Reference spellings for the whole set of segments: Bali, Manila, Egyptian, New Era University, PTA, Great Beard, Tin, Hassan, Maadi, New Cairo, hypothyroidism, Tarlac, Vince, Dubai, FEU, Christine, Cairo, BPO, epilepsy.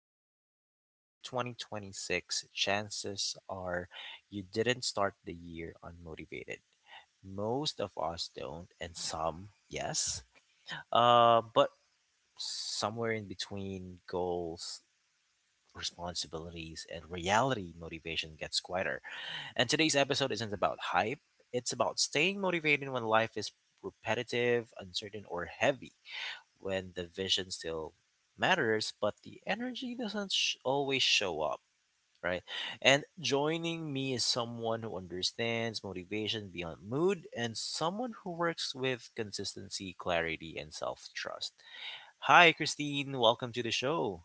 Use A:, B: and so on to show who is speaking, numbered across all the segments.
A: And if you're listening to 2026, chances are you didn't start the year unmotivated. Most of us don't, and some, yes. But somewhere in between goals, responsibilities, and reality, motivation gets quieter. And today's episode isn't about hype, it's about staying motivated when life is repetitive, uncertain, or heavy when the vision still matters, but the energy doesn't always show up, right? And joining me is someone who understands motivation beyond mood and someone who works with consistency, clarity, and self trust. Hi, Christine. Welcome to the show.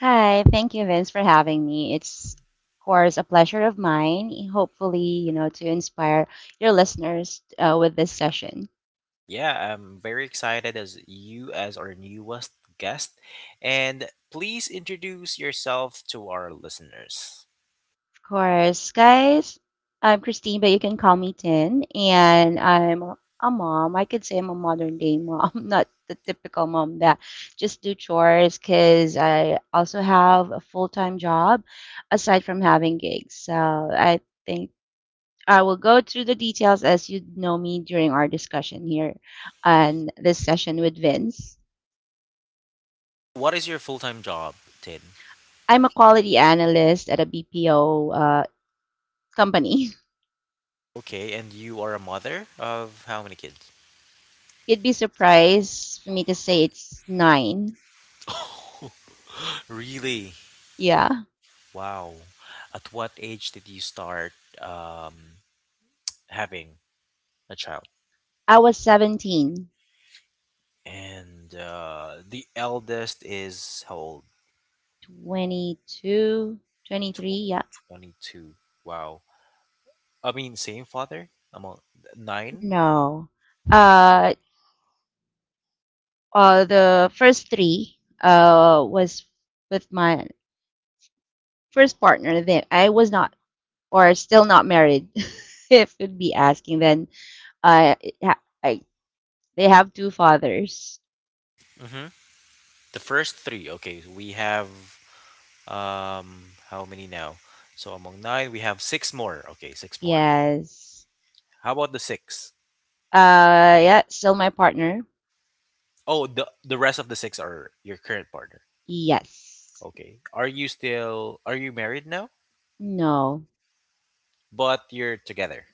B: Hi, thank you, Vince, for having me. It's, of course, a pleasure of mine, hopefully, you know, to inspire your listeners with this session.
A: Yeah, I'm very excited as our newest guest. And please introduce yourself to our listeners.
B: Of course, guys, I'm Christine, but you can call me Tin, and I'm a mom. I could say I'm a modern day mom, not the typical mom that just do chores, because I also have a full-time job aside from having gigs. So think I will go through the details as you know me during our discussion here on this session with Vince.
A: What is your full time job, Tin?
B: I'm a quality analyst at a BPO company.
A: Okay, and you are a mother of how many kids?
B: You'd be surprised for me to say it's nine.
A: Really?
B: Yeah.
A: Wow. At what age did you start um, having a child?
B: I was 17.
A: And the eldest is how old?
B: 22
A: Tw-
B: 23. Yeah.
A: 22. Wow. I mean, same father? Among nine?
B: No. Uh, the first three was with my first partner. Then I was not or still not married, if you'd be asking, then uh, it ha- I, they have two fathers.
A: Mm-hmm. The first three. Okay, we have how many now? So among nine, we have six more. Okay, six more.
B: Yes.
A: How about the six?
B: Yeah, still my partner.
A: Oh, the rest of the six are your current partner.
B: Yes.
A: Okay. Are you married now?
B: No.
A: But you're together.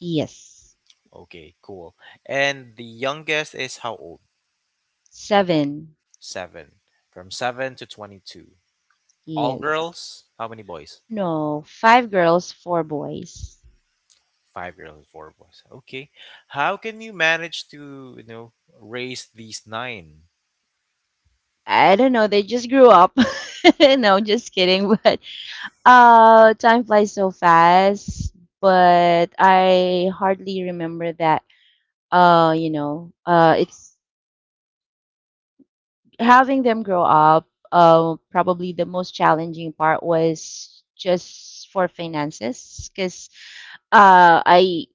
B: Yes.
A: Okay, cool. And the youngest is how old?
B: Seven.
A: 7. From 7 to 22. All
B: Yes.
A: girls? How many boys?
B: No. Five girls, four boys.
A: 5 girls and 4 boys. Okay. How can you manage to raise these 9?
B: I don't know. They just grew up. No, just kidding. But time flies so fast. But I hardly remember that it's having them grow up. Probably the most challenging part was just for finances, because uh i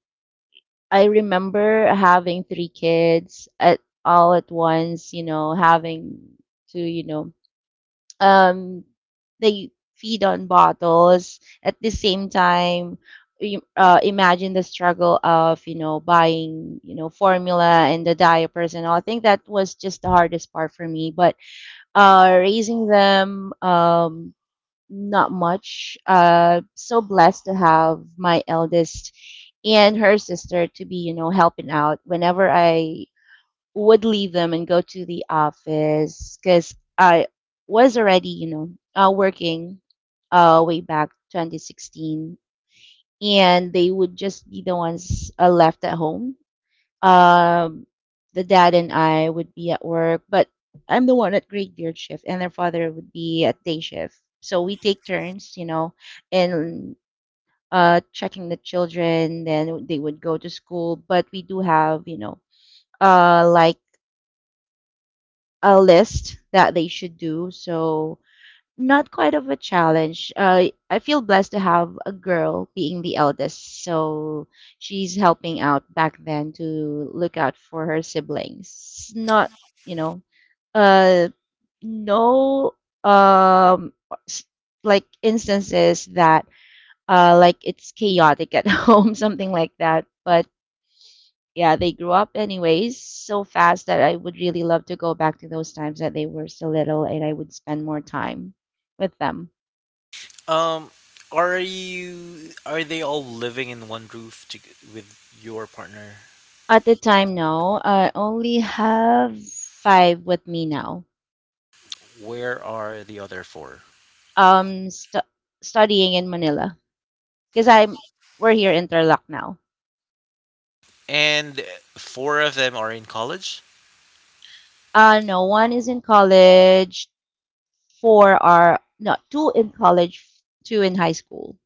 B: I remember having three kids at all at once, you know, having to, you know, um they feed on bottles at the same time. Imagine the struggle of, you know, buying, you know, formula and the diapers and all. I think that was just the hardest part for me. But raising them, not much. So blessed to have my eldest and her sister to be, you know, helping out whenever I would leave them and go to the office, because I was already, you know, working way back 2016, and they would just be the ones left at home. Um, the dad and I would be at work, but I'm the one at Great Beard shift, and their father would be at day shift. So we take turns, you know, and checking the children. Then they would go to school, but we do have, you know, like a list that they should do. So not quite of a challenge. I feel blessed to have a girl being the eldest, so she's helping out back then to look out for her siblings. Not, you know, uh, no, um, s- like instances that, like it's chaotic at home, something like that. But yeah, they grew up anyways so fast that I would really love to go back to those times that they were so little and I would spend more time with them.
A: Um are they all living in one roof to, with your partner?
B: At the time, no, I only have five with me now.
A: Where are the other 4?
B: Um, stu Studying in Manila, because I'm we're here in Tarlac now.
A: And four of them are in college.
B: No, one is in college. Four are no, Two in college, two in high school.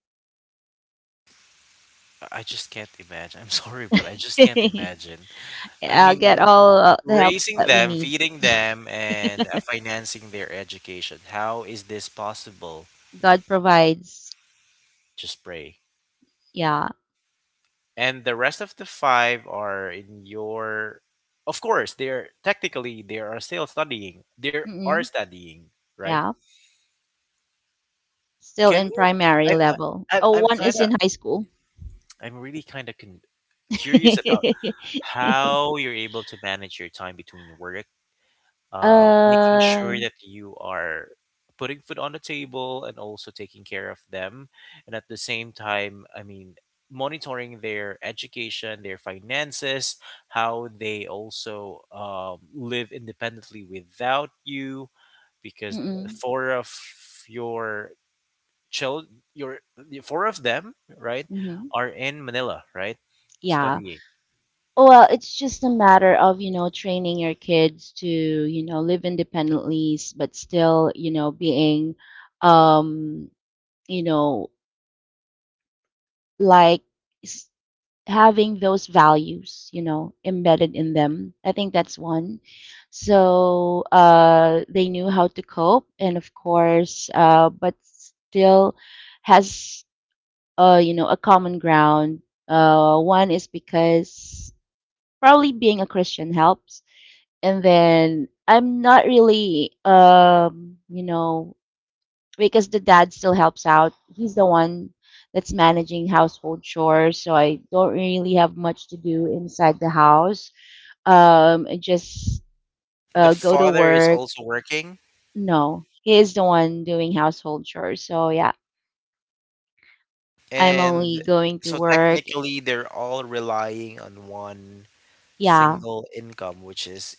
A: I just can't imagine. I'm sorry, but I just can't imagine. I
B: I'll
A: mean,
B: get all the help
A: raising
B: that we
A: them,
B: need.
A: feeding them, and financing their education. How is this possible?
B: God provides.
A: Just pray.
B: Yeah.
A: And the rest of the five are in your. Of course, they're technically they are still studying. They are
B: Mm-mm.
A: studying, right?
B: Yeah, still
A: Can
B: in
A: you?
B: primary
A: I, I
B: level.
A: I-
B: Oh,
A: I'm
B: one
A: kind
B: is
A: of
B: in high school.
A: I'm really kind of con- curious about how you're able to manage your time between work, making sure
B: Uh,
A: that you are putting food on the table and also taking care of them. And at the same time, I mean, monitoring their education, their finances, how they also live independently without you, because
B: mm-mm,
A: four of your child, your four of them, right,
B: mm-hmm.
A: are in Manila, right,
B: Yeah.
A: studying.
B: Well,
A: So.
B: it's just a matter of, you know, training your kids to, you know, live independently, s- but still, you know, being, um, you know, like having those values, you know, embedded in them. I think that's one. So they knew how to cope, and of course, but still has you know, a common ground. One is because probably being a Christian helps, and then I'm not really, you know, because the dad still helps out. He's the one that's managing household chores, so I don't really have much to do inside the house. I just
A: The
B: go to
A: father is
B: work.
A: also working,
B: No, he is the one doing household chores. So yeah, I'm only
A: and
B: going to
A: so
B: work.
A: technically they're all relying on one
B: Yeah,
A: single income, which is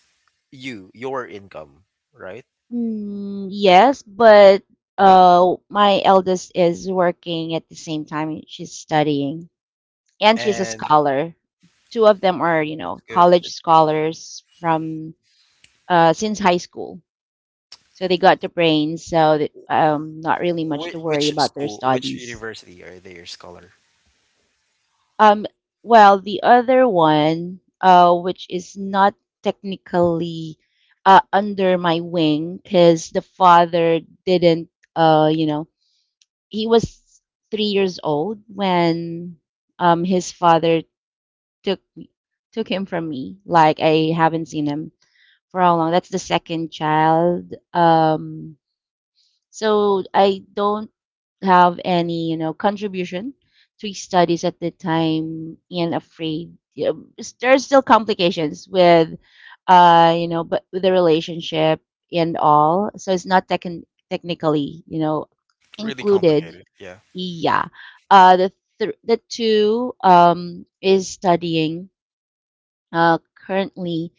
A: your income, right?
B: yes, but my eldest is working at the same time. She's studying, and she's a
A: And
B: scholar. Two of them are, you know,
A: that's good,
B: college
A: that's good.
B: scholars from since high school. So they got the brains, so that, not really much to
A: which,
B: worry
A: which
B: about their
A: school which
B: studies.
A: university are they your scholar?
B: Um, well, the other one, which is not technically under my wing, because the father didn't, you know, he was 3 years old when, his father took took him from me. Like I haven't seen him for how long. That's the second child. So I don't have any, you know, contribution to studies at the time and afraid. Yeah, s- there's still complications with, you know, but with the relationship and all, so it's not technically, you know,
A: Really
B: included.
A: complicated, yeah.
B: Yeah. uh the the two is studying uh currently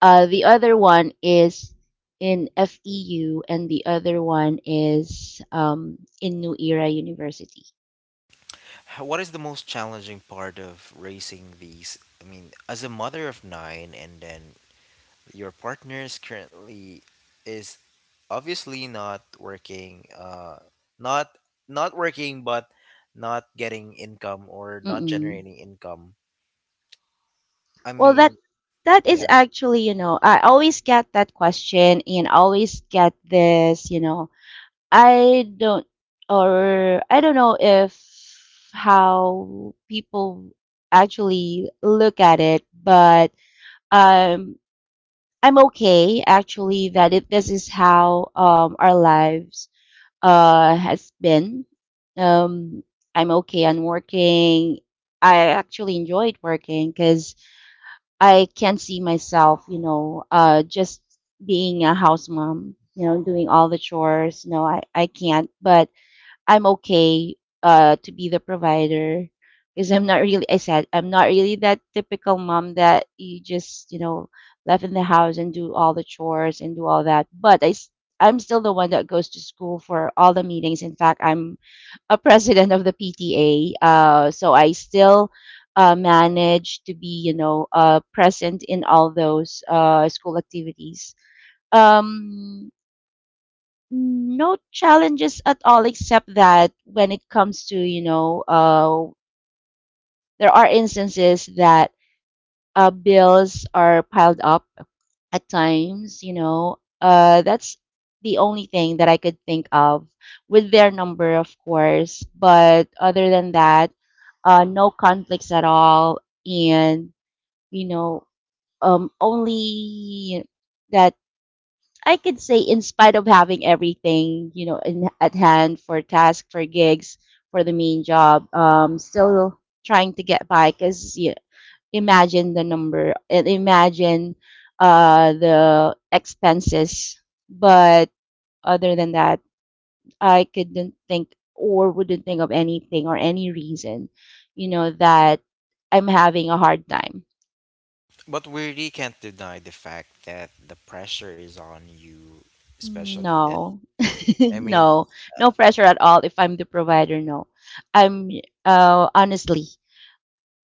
B: the other one is in FEU, and the other one is, in New Era University.
A: What is the most challenging part of raising these, I mean, as a mother of nine? And then your partner is currently is obviously not working, not not working, but not getting income or not
B: Mm-mm.
A: generating income. I
B: Well,
A: mean.
B: that is
A: Yeah.
B: actually, you know, I always get that question, and always get this, you know, I don't, I don't know if how people actually look at it. But um, I'm okay, actually, that it, this is how, our lives has been. um I'm okay on working. I actually enjoyed working, because I can not see myself, you know, just being a house mom, you know, doing all the chores. No, I can't. But I'm okay to be the provider, because I'm not really, I said, I'm not really that typical mom that you just, you know, left in the house and do all the chores and do all that. But I'm still the one that goes to school for all the meetings. In fact, I'm a president of the PTA. So I still manage to be, you know, present in all those school activities. Um, no challenges at all, except that when it comes to, you know, there are instances that bills are piled up at times, you know. That's the only thing that I could think of, with their number, of course. But other than that, no conflicts at all. And, you know, only I could say, in spite of having everything, you know, in, at hand for task, for gigs, for the main job, still trying to get by. Cause you imagine the number and imagine the expenses. But other than that, I couldn't think or wouldn't think of anything or any reason, you know, that I'm having a hard time.
A: But we really can't deny the fact that the pressure is on you, especially that,
B: No.
A: I
B: No,
A: mean
B: no
A: uh,
B: pressure at all. If I'm the provider, no. I'm Honestly,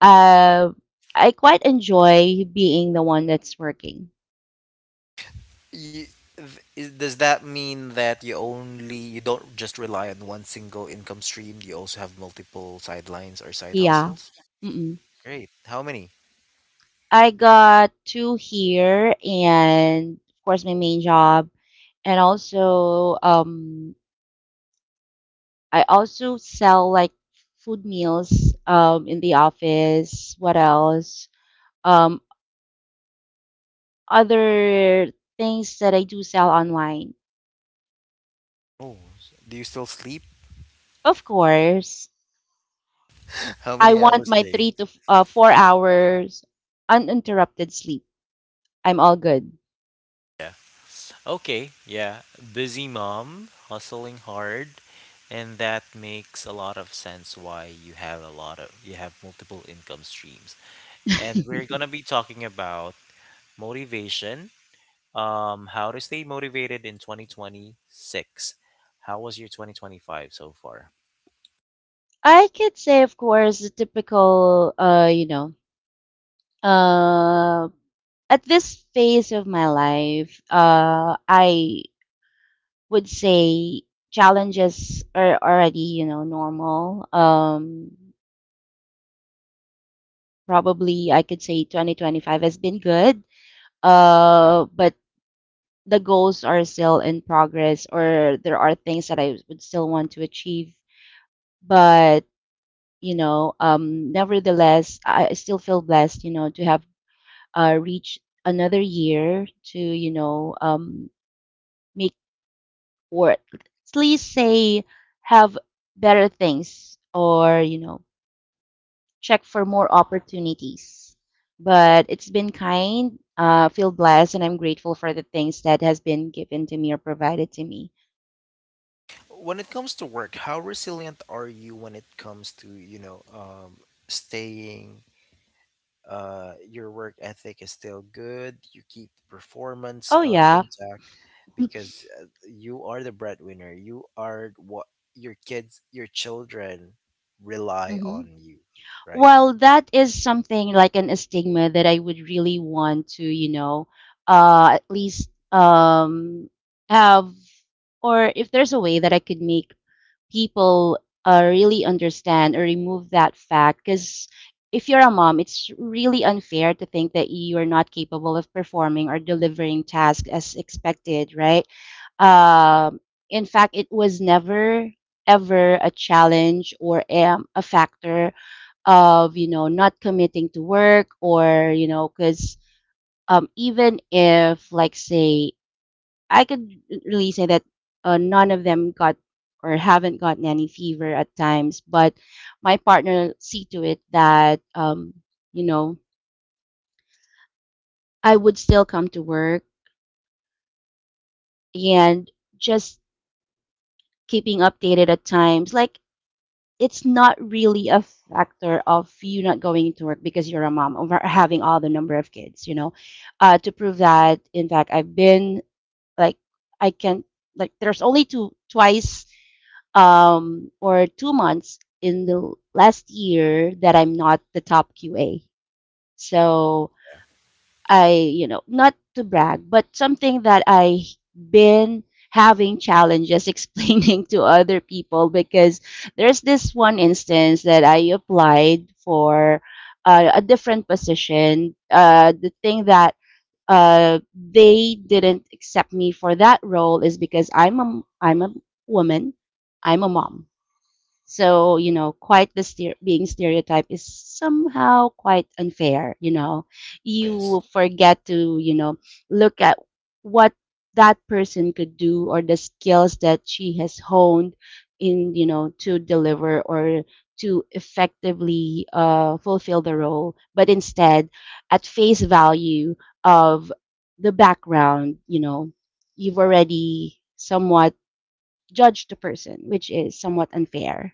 B: uh, I quite enjoy being the one that's working.
A: you, does that mean that you only you don't just rely on one single income stream? Do you also have multiple sidelines or side
B: Yeah.
A: hustles?
B: Mm-mm.
A: Great. How many?
B: I got two here, and of course my main job, and also, I also sell like food meals in the office. What else? Um, Other things that I do sell online.
A: Oh, do you still sleep?
B: Of course,
A: How
B: I
A: many
B: want
A: hours a
B: my
A: day?
B: 4 hours uninterrupted sleep. I'm all good.
A: Okay, yeah. Busy mom, hustling hard, and that makes a lot of sense why you have a lot of you have multiple income streams. And we're going to be talking about motivation, how to stay motivated in 2026. How was your 2025 so far?
B: I could say, of course, the typical, uh, at this phase of my life, I would say challenges are already, you know, normal. Probably I could say 2025 has been good. But the goals are still in progress, or there are things that I would still want to achieve. But, you know, nevertheless, I still feel blessed, you know, to have reached another year to, you know, make or at least say have better things or, you know, check for more opportunities. But it's been kind. Feel blessed, and I'm grateful for the things that has been given to me or provided to me.
A: When it comes to work, how resilient are you when it comes to, staying your work ethic is still good. You keep performance
B: Oh yeah.
A: intact because you are the breadwinner. You are what your kids, your children rely
B: Mhm.
A: on you, right?
B: Well, that is something like an a stigma that I would really want to, you know, at least have, or if there's a way that I could make people really understand or remove that fact. Because if you're a mom, it's really unfair to think that you are not capable of performing or delivering tasks as expected, right? Um, in fact, it was never ever a challenge or, a factor of, you know, not committing to work, or you know, because even if like say I could really say that none of them got or haven't gotten any fever at times. But my partner see to it that, you know, I would still come to work and just keeping updated at times. Like, it's not really a factor of you not going to work because you're a mom or having all the number of kids, you know. To prove that, in fact, I've been like I can like there's only two twice, or 2 months in the last year that I'm not the top QA. So I, you know, not to brag, but something that I been having challenges explaining to other people. Because there's this one instance that I applied for a different position. The thing that they didn't accept me for that role is because I'm a woman, I'm a mom, so, you know, quite the steer, being stereotyped is somehow quite unfair, you know.
A: This
B: You forget to, you know, look at what that person could do or the skills that she has honed in, you know, to deliver or to effectively fulfill the role, but instead, at face value of the background, you know, you've already somewhat judged the person, which is somewhat unfair.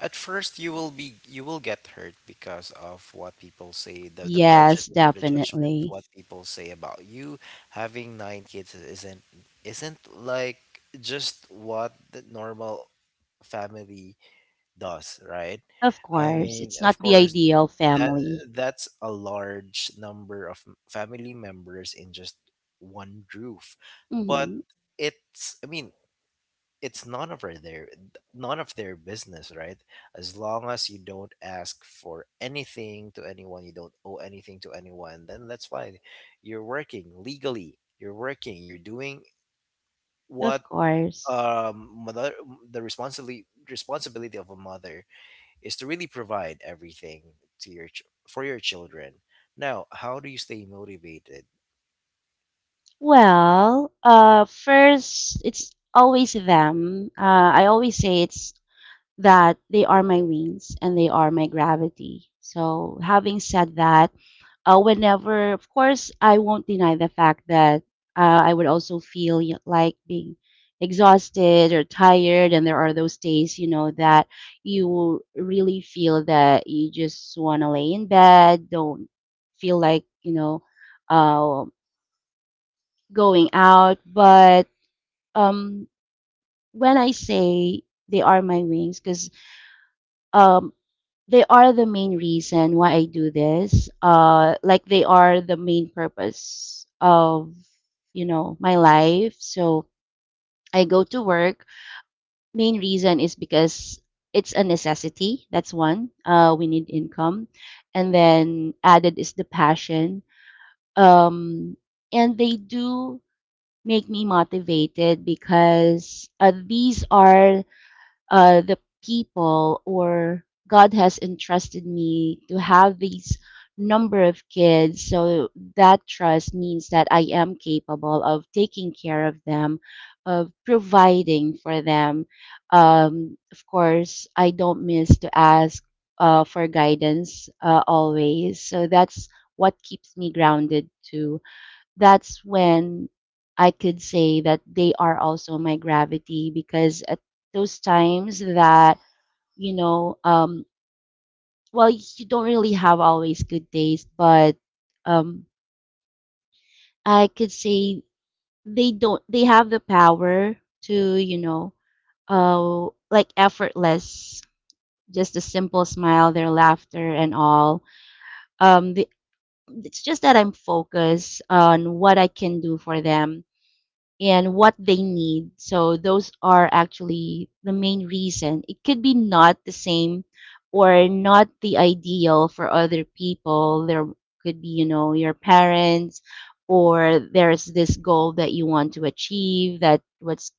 A: at first you will get hurt because of what people say, the
B: Yes,
A: prejudice or the judgment,
B: definitely.
A: what people say about you. Having nine kids isn't like just what the normal family does, right?
B: Of
A: I
B: course,
A: mean,
B: it's
A: of
B: not the
A: course,
B: ideal
A: that
B: family.
A: that's a large number of family members in just one roof. But
B: hmm
A: it's, I mean, it's none of their business, right? As long as you don't ask for anything to anyone, you don't owe anything to anyone, then that's fine. You're working legally. You're working. You're doing
B: Of
A: what
B: course.
A: mother, the responsibility of a mother is to really provide everything to for your children. Now, how do you stay motivated?
B: Well, first, it's always them. I always say it's that they are my wings and they are my gravity. So, having said that, whenever, of course, I won't deny the fact that I would also feel like being exhausted or tired. And there are those days, you know, that you really feel that you just want to lay in bed, don't feel like, uh, going out. But um, when I say they are my wings, because they are the main reason why I do this. Like they are the main purpose of, you know, my life. So I go to work. Main reason is because it's a necessity. That's one. We need income, and then added is the passion. Um, and they do make me motivated because these are the people or God has entrusted me to have these number of kids. So that trust means that I am capable of taking care of them, of providing for them. Of course, I don't miss to ask for guidance always. So that's what keeps me grounded too. That's when I could say that they are also my gravity because at those times that, you know, um, well, you don't really have always good days, but um, I could say they don't, they have the power to, you know, like effortless, just a simple smile, their laughter and all. Um, the, it's just that I'm focused on what I can do for them and what they need. So those are actually the main reason. It could be not the same or not the ideal for other people. There could be, you know, your parents or there's this goal that you want to achieve that what's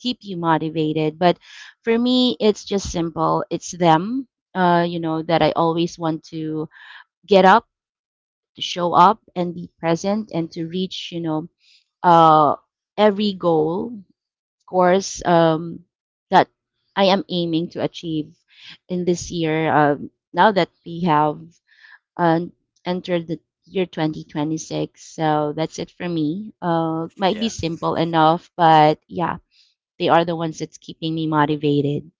B: keep you motivated. But for me, it's just simple. It's them, you know, that I always want to get up, to show up and be present and to reach, you know, uh, every goal course that I am aiming to achieve in this year. Now that we have uh, entered the year 2026, so that's it for me. Might be
A: Yeah.
B: simple enough, but yeah, they are the ones that's keeping me motivated.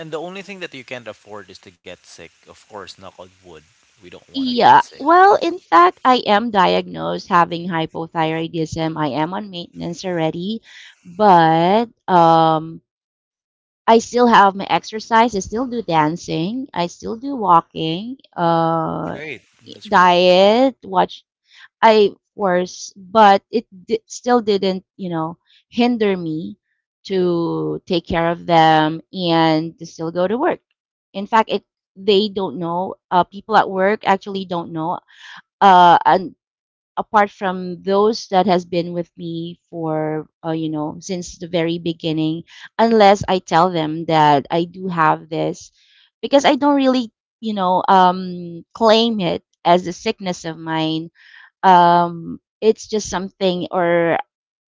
A: And the only thing that you can't afford is to get sick. Of course, knock on wood. We don't want to get
B: Yeah,
A: sick. You
B: well,
A: don't.
B: in fact, I am diagnosed having hypothyroidism. I am on maintenance already, but I still have my exercise. I still do dancing. I still do walking,
A: Great, that's great.
B: diet, watch. I of course, but it still didn't, you know, hinder me to take care of them and to still go to work. In fact, it they don't know. People at work actually don't know. And apart from those that has been with me for you know, since the very beginning, unless I tell them that I do have this because I don't really, you know, claim it as a sickness of mine. It's just something or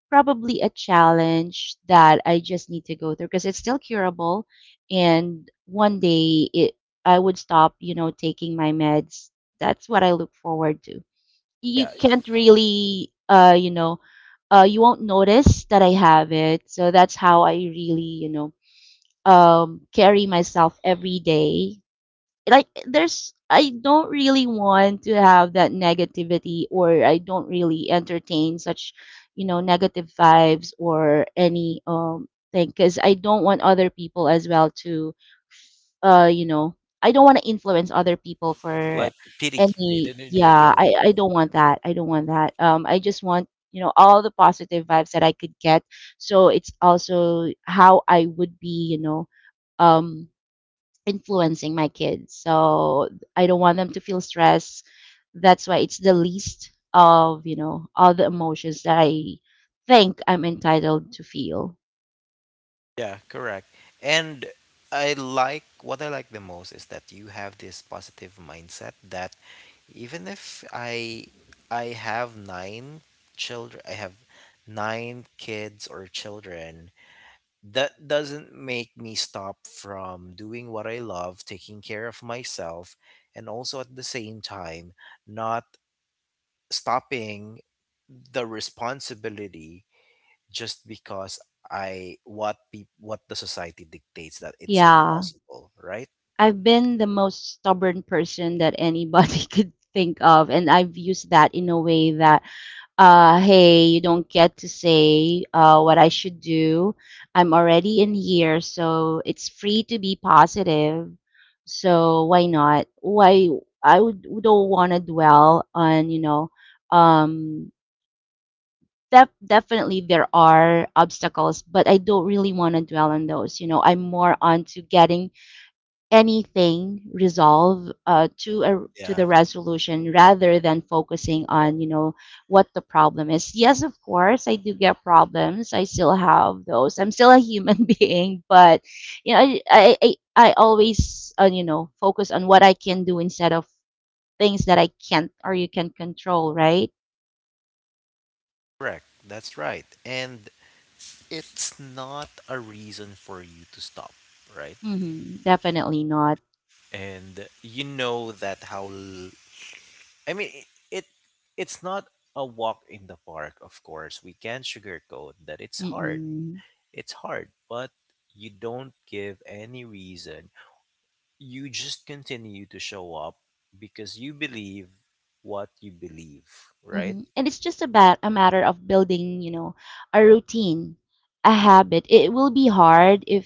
B: probably a challenge that I just need to go through because it's still curable, and one day it I would stop, you know, taking my meds. That's what I look forward to. You
A: Yeah.
B: can't really, you won't notice that I have it. So that's how I really, you know, carry myself every day. Like there's I don't really want to have that negativity or I don't really entertain such, you know, negative vibes or any thing because I don't want other people as well to, uh you know, I don't want to influence other people for
A: Like pity. They, they,
B: any
A: they, don't they
B: yeah,
A: don't want.
B: I
A: You
B: I
A: don't.
B: don't want that. I don't want that. I just want, you know, all the positive vibes that I could get, so it's also how I would be, you know, um influencing my kids. So I don't want them to feel stress. That's why it's the least of, you know, all the emotions that I think I'm entitled to feel.
A: Yeah, correct. And I like the most is that you have this positive mindset that even if I have nine children, I have nine kids or children, that doesn't make me stop from doing what I love, taking care of myself, and also at the same time not stopping the responsibility just because I what the society dictates that it's
B: Yeah.
A: impossible, right?
B: I've been the most stubborn person that anybody could think of, and I've used that in a way that hey, you don't get to say what I should do. I'm already in here, so it's free to be positive. So why not? Why I would don't want to dwell on, um, definitely there are obstacles, but I don't really want to dwell on those. You know, I'm more onto getting anything resolve, to
A: Yeah.
B: the resolution rather than focusing on, you know, what the problem is. Yes, of course, I do get problems. I still have those. I'm still a human being, but you know, I always, you know, focus on what I can do instead of things that I can't or you can control, right?
A: Correct. That's right. And it's not a reason for you to stop, right?
B: Mm-hmm. Definitely not.
A: And you know that I mean it's not a walk in the park, of course. We can't sugarcoat that it's hard.
B: Mm-mm.
A: It's hard, but you don't give any reason. You just continue to show up because you believe what you believe, right?
B: And it's just about a matter of building, you know, a routine, a habit. It will be hard if,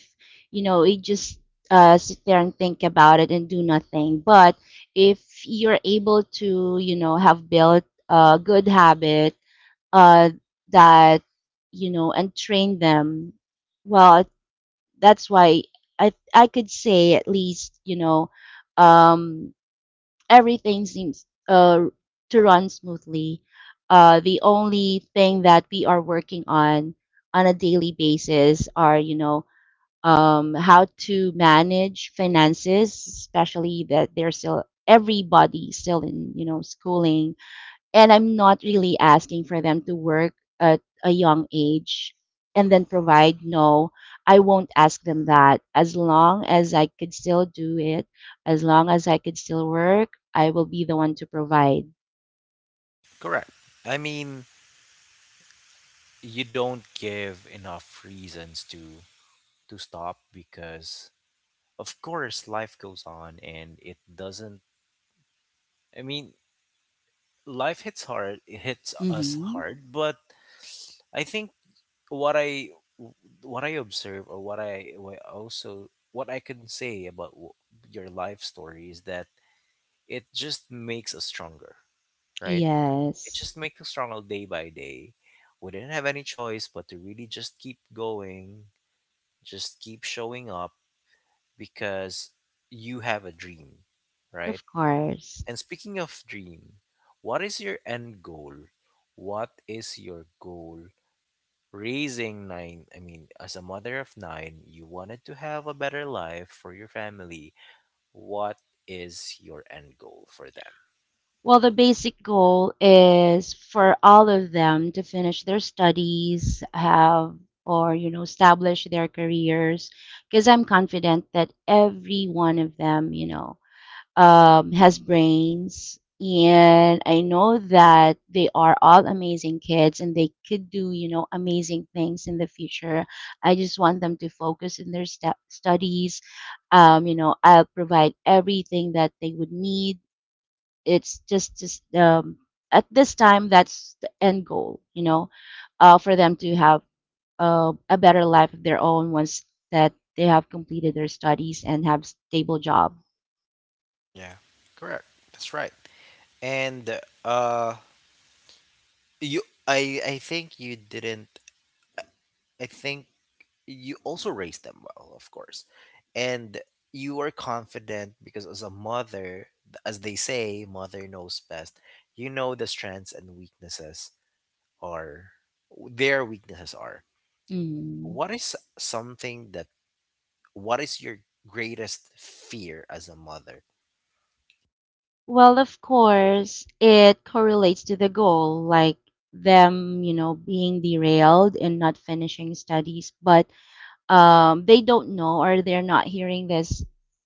B: you know, you just sit there and think about it and do nothing. But if you're able to, you know, have built a good habit, uh, that, you know, and train them, well, that's why I could say, at least, you know, um, everything seems to run smoothly. The only thing that we are working on a daily basis are, how to manage finances, especially that they're still everybody still in, you know, schooling, and I'm not really asking for them to work at a young age and then provide. No, I won't ask them that. As long as I could still do it, as long as I could still work, I will be the one to provide.
A: Correct. I mean, you don't give enough reasons to stop because of course, life goes on and it doesn't. I mean, life hits hard, it hits us
B: Mm-hmm.
A: hard, but I think what I what I observe or what I can say about your life story is that it just makes us stronger, right? It
B: Yes,
A: just makes us stronger day by day. We didn't have any choice but to really just keep going, just keep showing up because you have a dream, right?
B: of course.
A: And speaking of dream, what is your end goal? What is your goal raising nine? I mean, as a mother of nine, you wanted to have a better life for your family. What is your end goal for them?
B: Well, the basic goal is for all of them to finish their studies, have or you know establish their careers because I'm confident that every one of them, you know, has brains. And I know that they are all amazing kids and they could do, you know, amazing things in the future. I just want them to focus in their studies. You know, I'll provide everything that they would need. It's just, at this time, that's the end goal, you know, for them to have a better life of their own once that they have completed their studies and have stable job.
A: Yeah, correct. That's right. And uh, you, I, I think you didn't. I think you also raise them well, of course. And you are confident because as a mother, as they say, mother knows best. You know the strengths and weaknesses are their weaknesses are.
B: Mm.
A: What is something that what is your greatest fear as a mother?
B: Well, of course, it correlates to the goal, like them, you know, being derailed and not finishing studies. But they don't know or they're not hearing this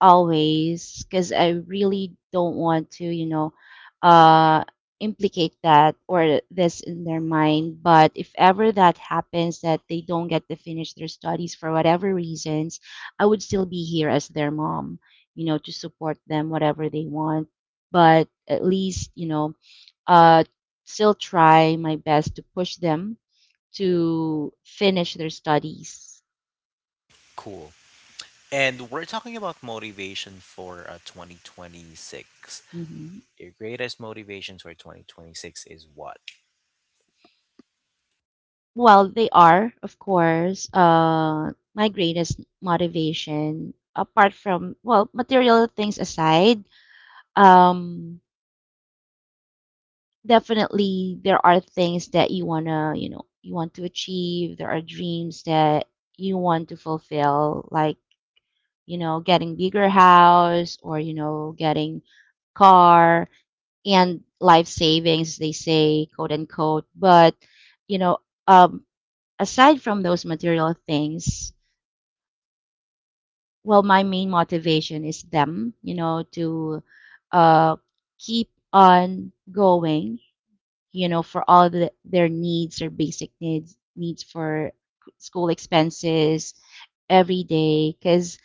B: always because I really don't want to, you know, uh implicate that or this in their mind. But if ever that happens that they don't get to finish their studies for whatever reasons, I would still be here as their mom, you know, to support them whatever they want, but at least, you know uh still try my best to push them to finish their studies.
A: Cool. And we're talking about motivation for 2026.
B: Mhm.
A: Your greatest motivations for 2026 is what?
B: Well, they are, of course, my greatest motivation. Apart from, well, material things aside, um, definitely there are things that you wanna, you know, you want to achieve. There are dreams that you want to fulfill, like, you know, getting bigger house or, you know, getting car and life savings, they say, quote unquote. But, you know, um, aside from those material things, well my main motivation is them, you know, to uh keep on going, you know, for all their needs, their basic needs for school expenses every day because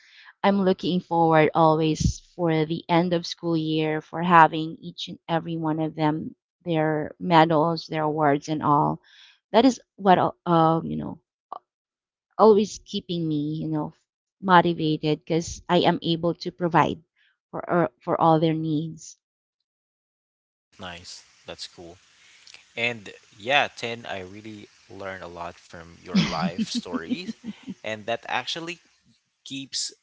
B: I'm looking forward always for the end of school year for having each and every one of them, their medals, their awards and all. That is what, uh you know always keeping me, you know, motivated because I am able to provide for all their needs.
A: Nice. That's cool. And yeah, 10, I really learned a lot from your life stories. And that actually keeps,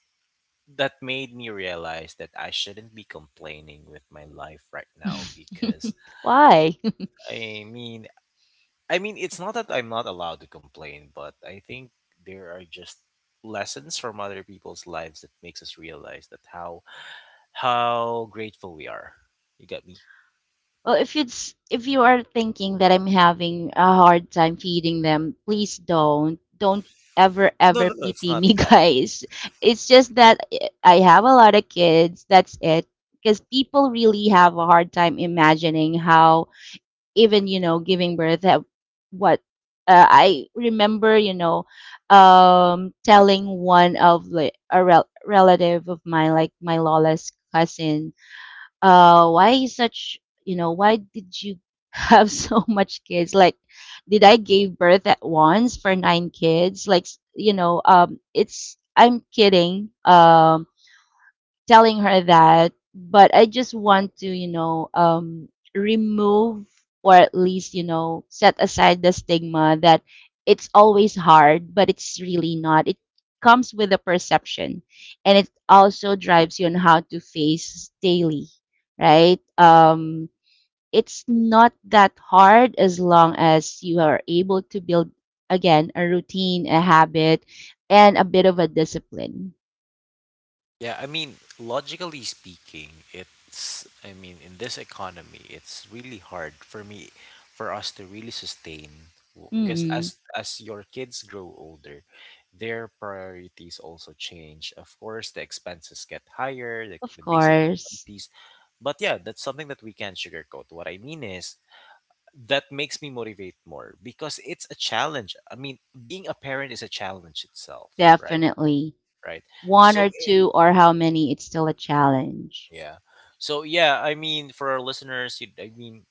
A: that made me realize that I shouldn't be complaining with my life right now because
B: Why?
A: I mean, I mean, it's not that I'm not allowed to complain, but I think there are just lessons from other people's lives that makes us realize that how grateful we are. You get me?
B: Well, if it's if you are thinking that I'm having a hard time feeding them, please don't ever
A: No,
B: ever
A: no, no, it's
B: pity
A: not
B: me,
A: that.
B: guys. It's just that I have a lot of kids. That's it. Because people really have a hard time imagining how even giving birth at what I remember telling one of the relative of mine like my lola's cousin. Why you such, why did you have so much kids? Like did I give birth at once for nine kids? It's I'm kidding, telling her that, but I just want to, remove or at least, set aside the stigma that it's always hard, but it's really not. It comes with a perception, and it also drives you on how to face daily, right? It's not that hard as long as you are able to build again a routine, a habit, and a bit of a discipline.
A: Yeah, I mean, logically speaking, I mean, in this economy, it's really hard for me, for us to really sustain. Because
B: mm
A: as your kids grow older, their priorities also change. Of course, the expenses get higher, like
B: Of
A: the basic
B: course.
A: commodities. But yeah, that's something that we can not sugarcoat. What I mean is that makes me motivate more because it's a challenge. I mean, being a parent is a challenge itself, right?
B: Definitely.
A: Right.
B: 1
A: So
B: or
A: eh,
B: 2 or how many, it's still a challenge.
A: yeah. So yeah, I mean, for our listeners, I mean,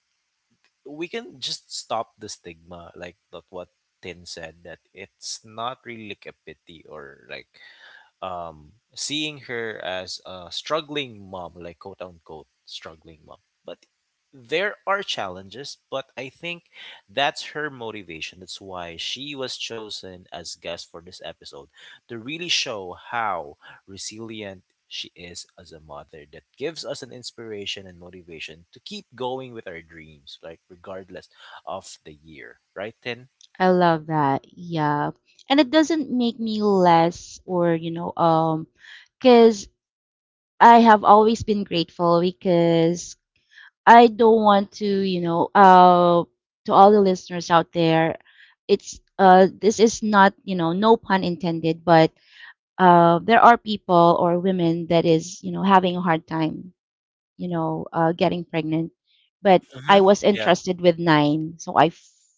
A: we can just stop the stigma, like that what Tin said, that it's not really like a pity or like seeing her as a struggling mom, like quote unquote struggling mom. But there are challenges, but I think that's her motivation. That's why she was chosen as guest for this episode to really show how resilient she is as a mother. That gives us an inspiration and motivation to keep going with our dreams, like regardless of the year. Right, Tin?
B: I love that. Yeah. And it doesn't make me less or, because I have always been grateful. Because I don't want to, to all the listeners out there, it's this is not, no pun intended, but there are people or women that is, having a hard time getting pregnant. But I
A: Mm-hmm.
B: was
A: Yeah.
B: entrusted with nine. So I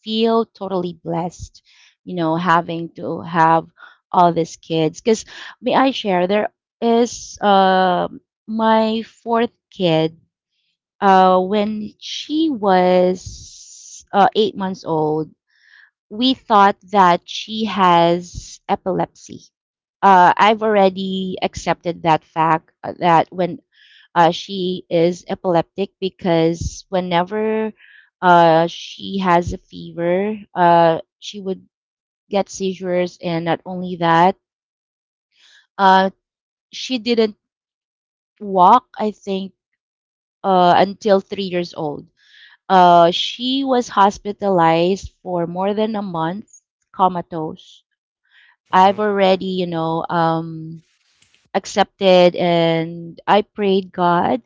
B: feel totally blessed, having to have all these kids. Because may I share, there is my fourth kid. When she was eight months old, we thought that she has epilepsy. I've already accepted that fact, that when she is epileptic, because whenever she has a fever, she would get seizures. And not only that, uh, she didn't walk, I think, until three years old. She was hospitalized for more than a month, comatose. I've
A: Mm-hmm.
B: already, accepted, and I prayed, God,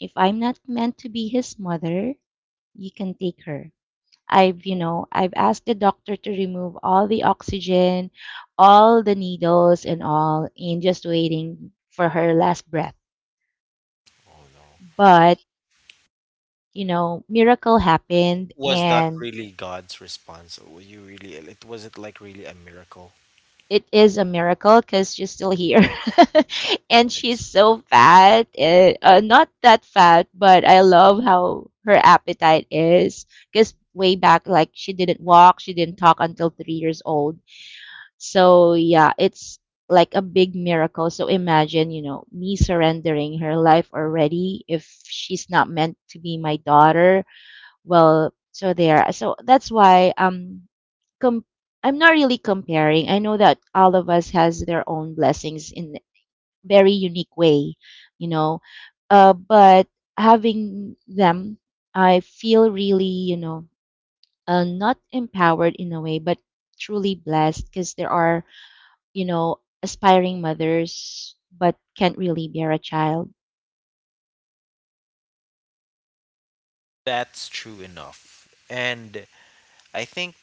B: if I'm not meant to be his mother, you can take her. I've asked the doctor to remove all the oxygen, all the needles and all, and just waiting for her last breath.
A: Oh no.
B: But, miracle happened.
A: Was that
B: And
A: really God's response? Or were you really it was it like really a miracle?
B: it is a miracle because she's still here, and she's
A: That's
B: so fat. Not that fat, but I love how her appetite is, because way back, like, she didn't walk, she didn't talk until three years old. So yeah, it's like a big miracle. So imagine, me surrendering her life already if she's not meant to be my daughter. Well, so there. So that's why, com- I'm not really comparing. I know that all of us has their own blessings in very unique way, you know. But having them, I feel really, not empowered in a way, but truly blessed, because there are, aspiring mothers but can't really bear a child.
A: that's true enough. And I think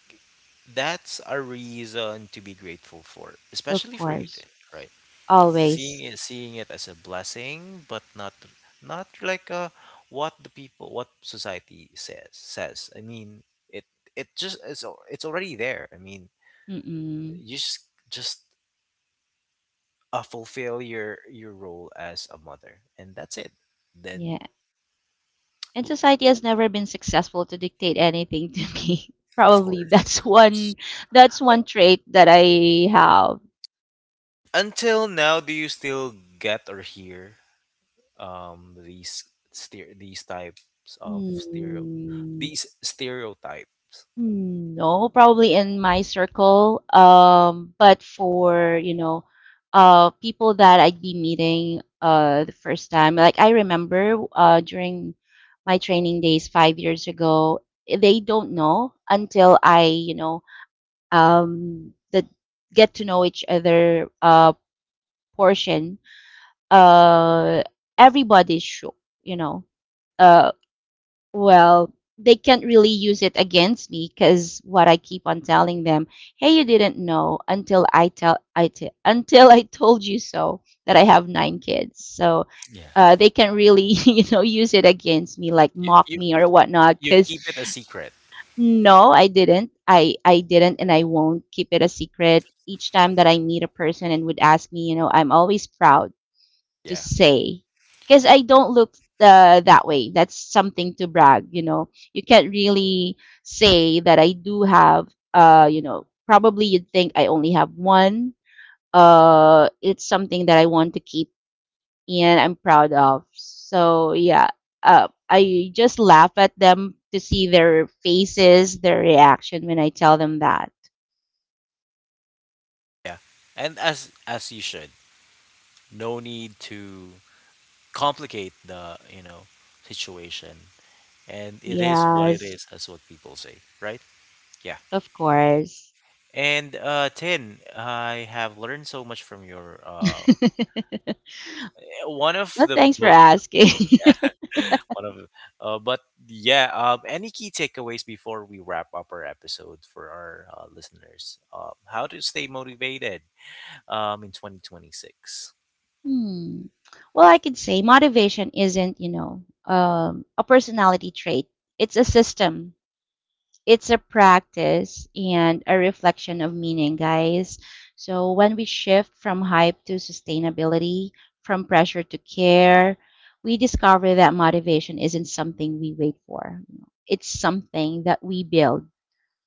A: that's a reason to be grateful for,
B: Of
A: especially for you
B: course,
A: then, right? Seeing
B: always.
A: it seeing it as a blessing, but not like what the people what society says. I mean it it just it's already there. I mean
B: Mm-mm.
A: you just fulfill your role as a mother, and that's it then.
B: Yeah. And
A: L-
B: society has
A: l-
B: never been successful to dictate anything to me.
A: Of
B: Probably
A: course, of course.
B: that's one trait that I have.
A: Until now, do you still get or hear um these steer these types of stereo
B: Hmm.
A: these stereotypes?
B: Hmm, no, probably in my circle. But for, people that I'd be meeting the first time. Like I remember during my training days five years ago, they don't know until I, you know, the get to know each other portion. uh Everybody's show, you know uh well they can't really use it against me, because what I keep on telling them, hey, you didn't know until I tell I t- until I told you so, that I have nine kids. So
A: Yeah.
B: they can really use it against me like
A: You,
B: mock
A: you
B: me or whatnot,
A: you
B: because
A: keep it a secret.
B: no, I didn't, I didn't, and I won't keep it a secret. Each time that I meet a person and would ask me, I'm always proud to
A: Yeah.
B: say, because I don't look that way. That's something to brag, You can't really say that I do have, probably you'd think I only have one. It's something that I want to keep and I'm proud of. So, yeah, I just laugh at them to see their faces, their reaction when I tell them that.
A: Yeah. And as you should, no need to complicate the situation. And it is what it
B: Yes,
A: is, as what people say, right? Yeah.
B: of course.
A: And Tin, I have learned so much from your one of
B: Well,
A: the
B: thanks for
A: book
B: asking.
A: one of but yeah any key takeaways before we wrap up our episode for our listeners how to stay motivated in 2026.
B: Hmm. Well, I could say motivation isn't, a personality trait. It's a system, it's a practice, and a reflection of meaning, guys. So when we shift from hype to sustainability, from pressure to care, we discover that motivation isn't something we wait for. You know, it's something that we build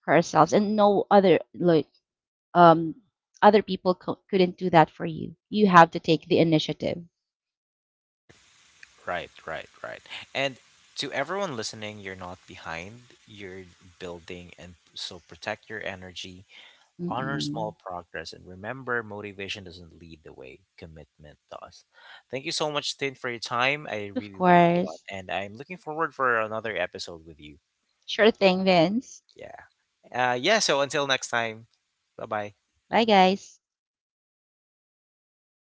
B: for ourselves. And no other, like, um other people couldn't do that for you. You have to take the initiative.
A: Right, right, right, and to everyone listening, you're not behind, you're building. And so, protect your energy. Honor
B: Mm.
A: small progress and remember motivation doesn't lead the way, commitment does. Thank you so much, Tin, for your time. I
B: Of
A: really learned a lot
B: course.
A: and I'm looking forward for another episode with you.
B: Sure thing, Vince.
A: Yeah. Yeah, so until next time, bye bye.
B: Bye, guys.